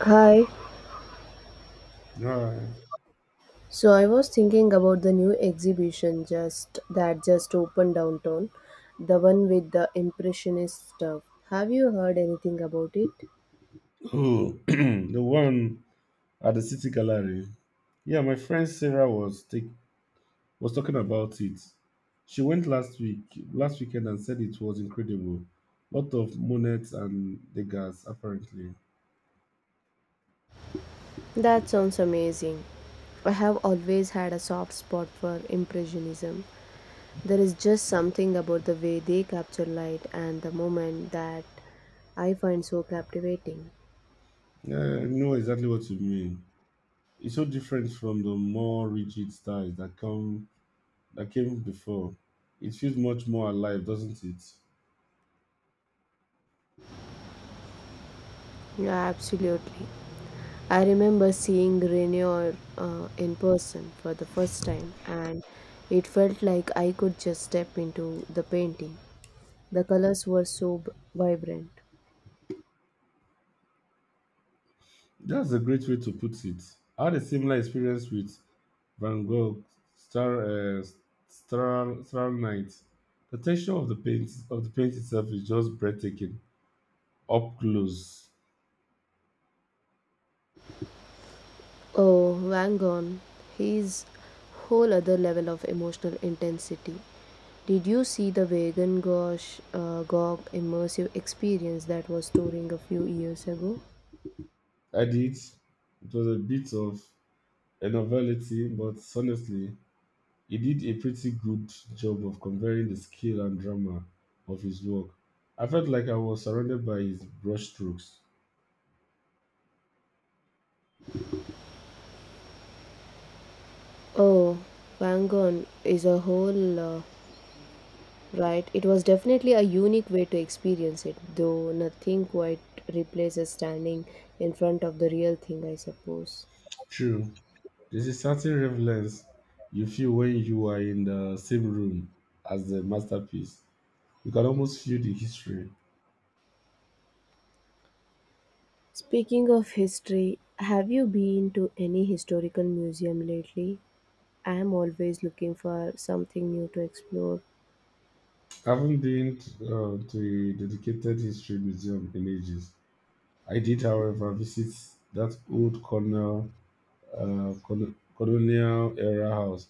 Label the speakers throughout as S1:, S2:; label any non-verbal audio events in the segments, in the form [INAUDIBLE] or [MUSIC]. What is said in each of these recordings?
S1: Hi.
S2: Alright.
S1: So I was thinking about the new exhibition just that just opened downtown, the one with the impressionist stuff. Have you heard anything about it?
S2: Oh, [CLEARS THROAT] the one at the City Gallery. Yeah, my friend Sarah was talking about it. She went last weekend, and said it was incredible. Lot of Monets and Degas, apparently.
S1: That sounds amazing. I have always had a soft spot for impressionism. There is just something about the way they capture light and the moment that I find so captivating.
S2: Yeah, I know exactly what you mean. It's so different from the more rigid styles that come that came before. It feels much more alive, doesn't it?
S1: Yeah, absolutely. I remember seeing Rainier in person for the first time, and it felt like I could just step into the painting. The colors were so vibrant.
S2: That's a great way to put it. I had a similar experience with Van Gogh, Star, uh, Star Night. The texture of the paint itself is just breathtaking, up close.
S1: Oh, Van Gogh, he's whole other level of emotional intensity. Did you see the Vegan Gosh Gog immersive experience that was touring a few years ago?
S2: Added, it was a bit of a novelty, but honestly, he did a pretty good job of conveying the skill and drama of his work. I felt like I was surrounded by his brushstrokes.
S1: Oh, Van Gogh is a whole right, it was definitely a unique way to experience it, though nothing quite replaces standing in front of the real thing, I suppose.
S2: True, there's a certain relevance you feel when you are in the same room as the masterpiece. You can almost feel the history.
S1: Speaking of history, have you been to any historical museum lately? I am always looking for something new to explore.
S2: I haven't been to a dedicated history museum in ages. I did, however, visit that colonial era house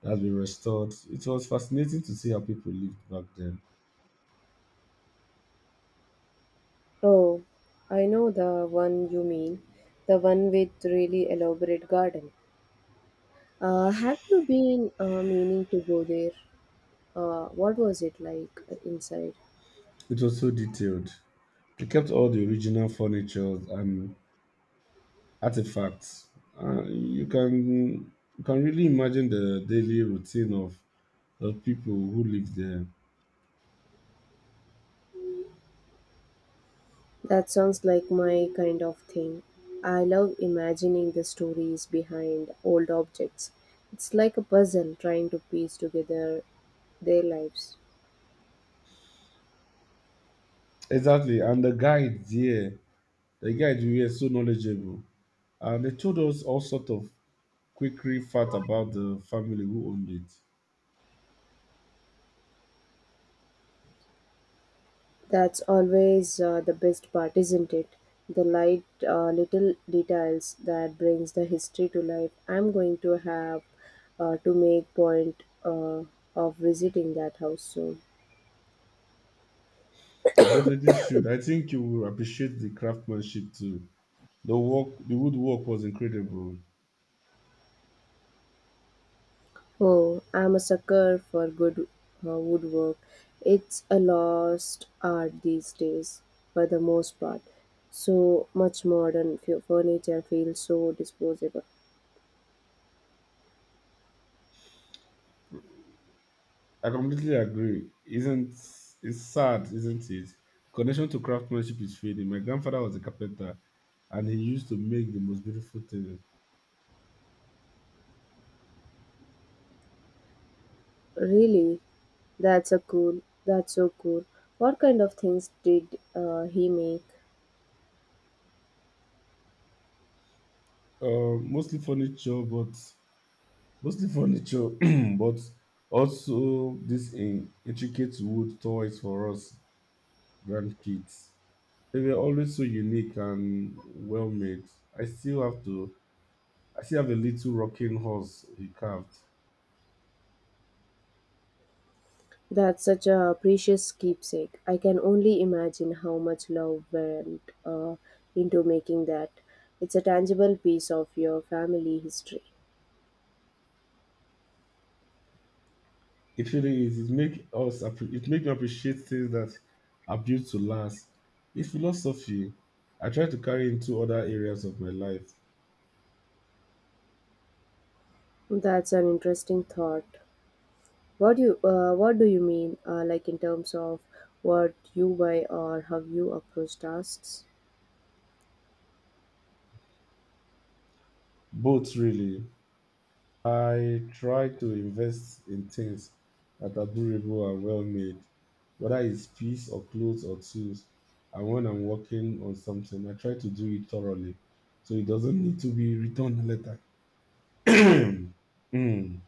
S2: that's been restored. It was fascinating to see how people lived back then.
S1: Oh, I know the one you mean, the one with really elaborate garden. Have you been meaning to go there? What was it like inside?
S2: It was so detailed. They kept all the original furniture and artifacts. You can you can really imagine the daily routine of the people who lived there.
S1: That sounds like my kind of thing. I love imagining the stories behind old objects. It's like a puzzle trying to piece together their lives.
S2: Exactly. And the guides, yeah, the guides we were so knowledgeable. And they told us all sort of quickery fact about the family who owned it.
S1: That's always the best part, isn't it? The light little details that brings the history to life. I'm going to have to make point of visiting that house soon.
S2: You definitely should. I think you will appreciate the craftsmanship too. The woodwork was incredible.
S1: Oh, I'm a sucker for good woodwork. It's a lost art these days, for the most part. So much modern furniture feels so disposable.
S2: I completely agree. Isn't it's sad, isn't it? Connection to craftsmanship is fading. My grandfather was a carpenter, and he used to make the most beautiful things.
S1: Really, that's a cool. That's so cool. What kind of things did he make?
S2: Mostly furniture, but mostly furniture [CLEARS THROAT] but also these in intricate wood toys for us grandkids. They were always so unique and well made. I still have to I still have a little rocking horse he carved.
S1: That's such a precious keepsake. I can only imagine how much love went into making that. It's a tangible piece of your family history.
S2: It really is. It make me appreciate things that are built to last. It's philosophy I try to carry into other areas of my life.
S1: That's an interesting thought. What do you mean, like in terms of what you buy or how you approach tasks?
S2: Both really. I try to invest in things that are durable and well made, whether it's peace or clothes or tools. And when I'm working on something, I try to do it thoroughly so it doesn't need to be returned later. [CLEARS THROAT] Mm,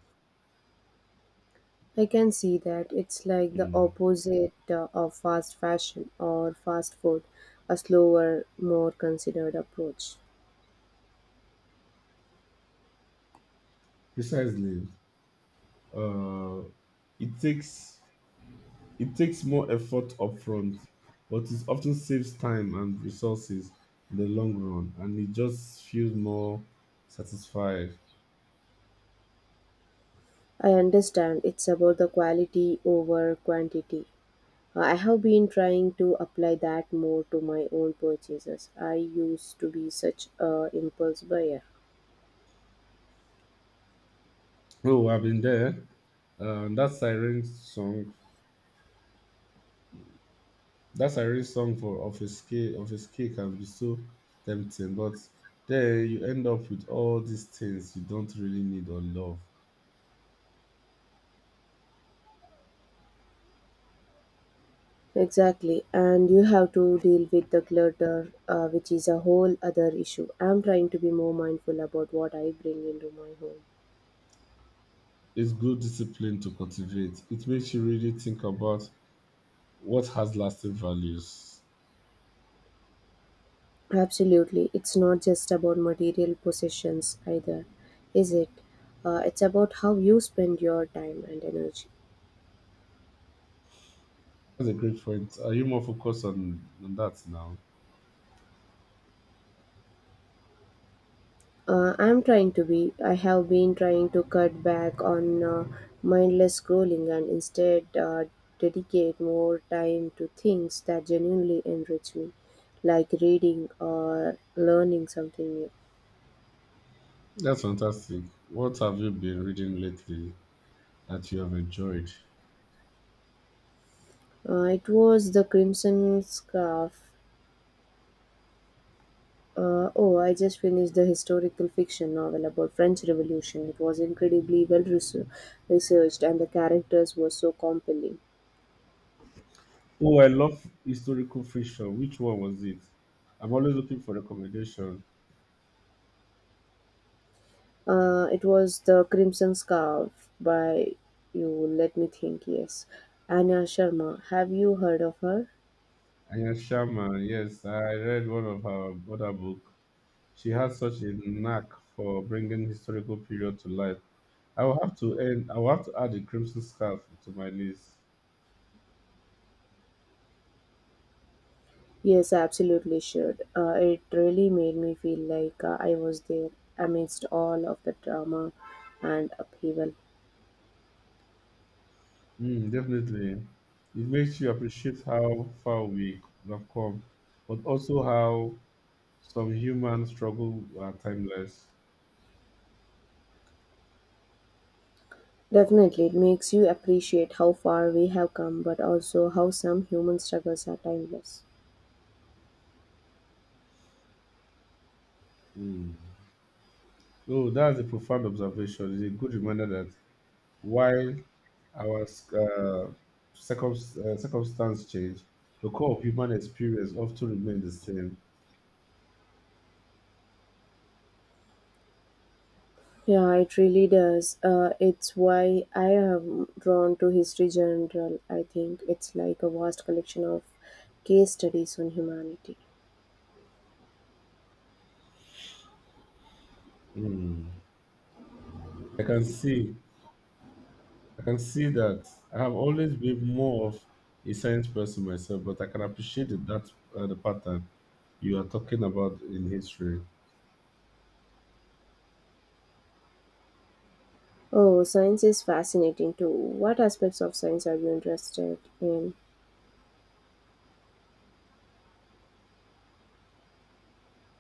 S1: I can see that it's like the
S2: mm.
S1: opposite of fast fashion or fast food, a slower, more considered approach.
S2: Precisely. Uh, it takes it takes more effort upfront, but it often saves time and resources in the long run, and it just feels more satisfied.
S1: I understand it's about the quality over quantity. I have been trying to apply that more to my own purchases. I used to be such a impulse buyer.
S2: Oh, I've been there. Uh, that siren song, that siren song for of a scale can be so tempting, but then you end up with all these things you don't really need or love.
S1: Exactly, and you have to deal with the clutter, which is a whole other issue. I'm trying to be more mindful about what I bring into my home.
S2: It's good discipline to cultivate. It makes you really think about what has lasting values.
S1: Absolutely, it's not just about material possessions either, is it? It's about how you spend your time and energy.
S2: That's a great point. Are you more focused on that now?
S1: I'm trying to be. I have been trying to cut back on mindless scrolling and instead dedicate more time to things that genuinely enrich me, like reading or learning something new.
S2: That's fantastic. What have you been reading lately that you have enjoyed?
S1: It was The Crimson Scarf. Oh, I just finished the historical fiction novel about French Revolution. It was incredibly well researched and the characters were so compelling.
S2: Oh, I love historical fiction. Which one was it? I'm always looking for recommendation.
S1: It was the Crimson Scarf by you. Let me think. Yes, Anna Sharma. Have you heard of her?
S2: Anya Sharma, yes, I read one of her other book. She has such a knack for bringing historical period to life. I will have to end. I will have to add the crimson scarf to my list.
S1: Yes, I absolutely should. It really made me feel like I was there amidst all of the drama and upheaval.
S2: Mm, definitely, it makes you appreciate how far we have come, but also how some human struggle are timeless.
S1: Definitely, it makes you appreciate how far we have come, but also how some human struggles are timeless.
S2: Mm. Oh, that's a profound observation. It's a good reminder that while our circumstance change, the core of human experience often remains the same.
S1: Yeah, it really does. It's why I am drawn to history general. I think it's like a vast collection of case studies on humanity.
S2: Mm. I can see, I can see that I have always been more of a science person myself, but I can appreciate the- that the pattern you are talking about in history.
S1: Oh, science is fascinating too. What aspects of science are you interested in?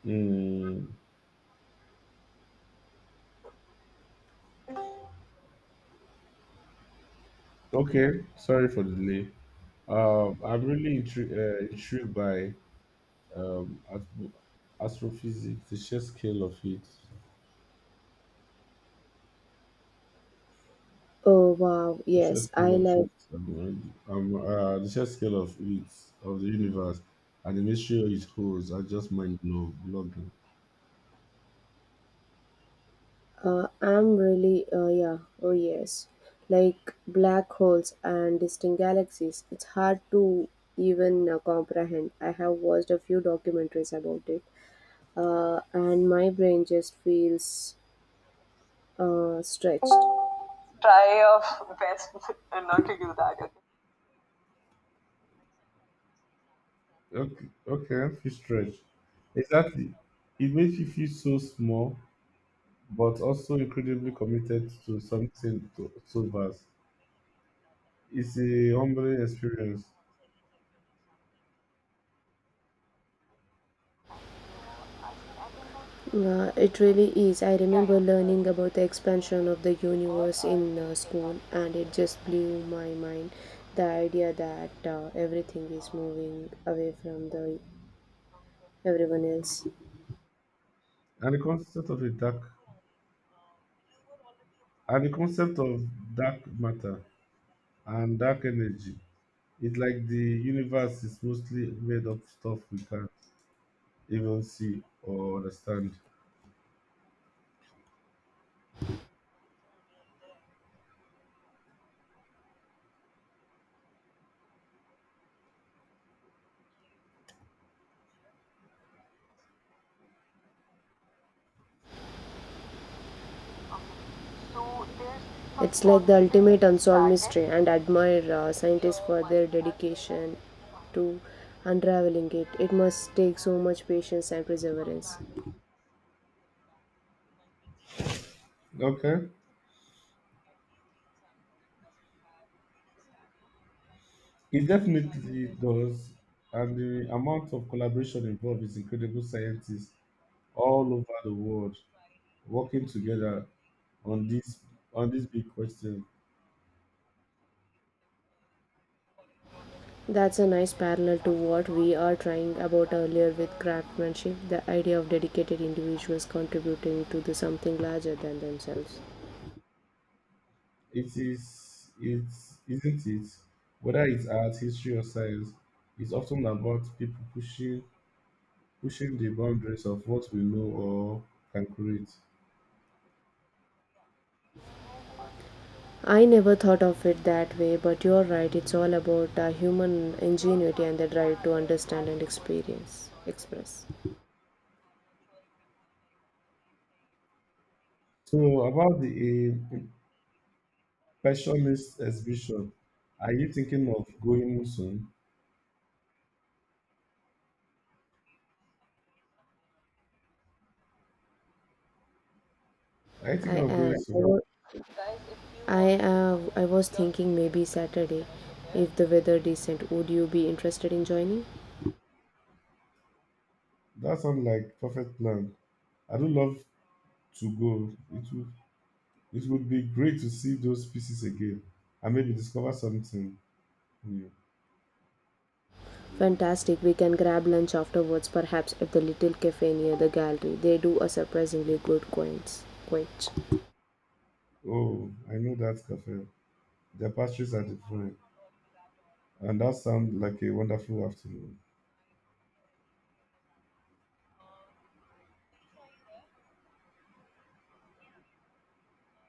S2: Mm. Okay, sorry for the delay. I'm really intrigued by um, astro- astrophysics, the sheer scale of it.
S1: Oh wow,
S2: The sheer
S1: yes,
S2: scale
S1: I
S2: of
S1: like.
S2: it, i the sheer scale of it, of the universe, and the mystery it holds are just mind blogging.
S1: I'm really. Yeah. Oh yes, like black holes and distant galaxies. It's hard to even comprehend. I have watched a few documentaries about it, and my brain just feels stretched. Try your best [LAUGHS] not to do that, okay?
S2: Okay, okay, feel stretch. Exactly. It makes you feel so small, but also incredibly committed to something so vast. It's a humbling experience,
S1: It really is. I remember learning about the expansion of the universe in school, and it just blew my mind. The idea that everything is moving away from the everyone else.
S2: and the concept of and the concept of dark matter and dark energy. It's like the universe is mostly made of stuff we can even see or understand.
S1: It's like the ultimate unsolved mystery, and admire scientists for their dedication to unraveling it. It must take so much patience and perseverance.
S2: Okay. It definitely does. And the amount of collaboration involved is incredible. Scientists all over the world working together on this on this big question.
S1: That's a nice parallel to what we are trying about earlier with craftsmanship, the idea of dedicated individuals contributing to the something larger than themselves.
S2: It's isn't it? Whether it's art, history or science, it's often about people pushing the boundaries of what we know or can create.
S1: I never thought of it that way, but you're right, it's all about human ingenuity and the drive to understand and experience, express.
S2: So about the aim, Question Miss Exhibition. Are you thinking of going soon? Are you
S1: I
S2: thinking of
S1: am.
S2: going soon?
S1: I was thinking maybe Saturday, if the weather decent. Would you be interested in joining?
S2: That sounds like perfect plan. I do love to go. It would be great to see those pieces again and maybe discover something new.
S1: Fantastic. We can grab lunch afterwards, perhaps at the little cafe near the gallery. They do a surprisingly good quince. Quince.
S2: Oh, I know that cafe. The pastries are different. And that sounds like a wonderful afternoon.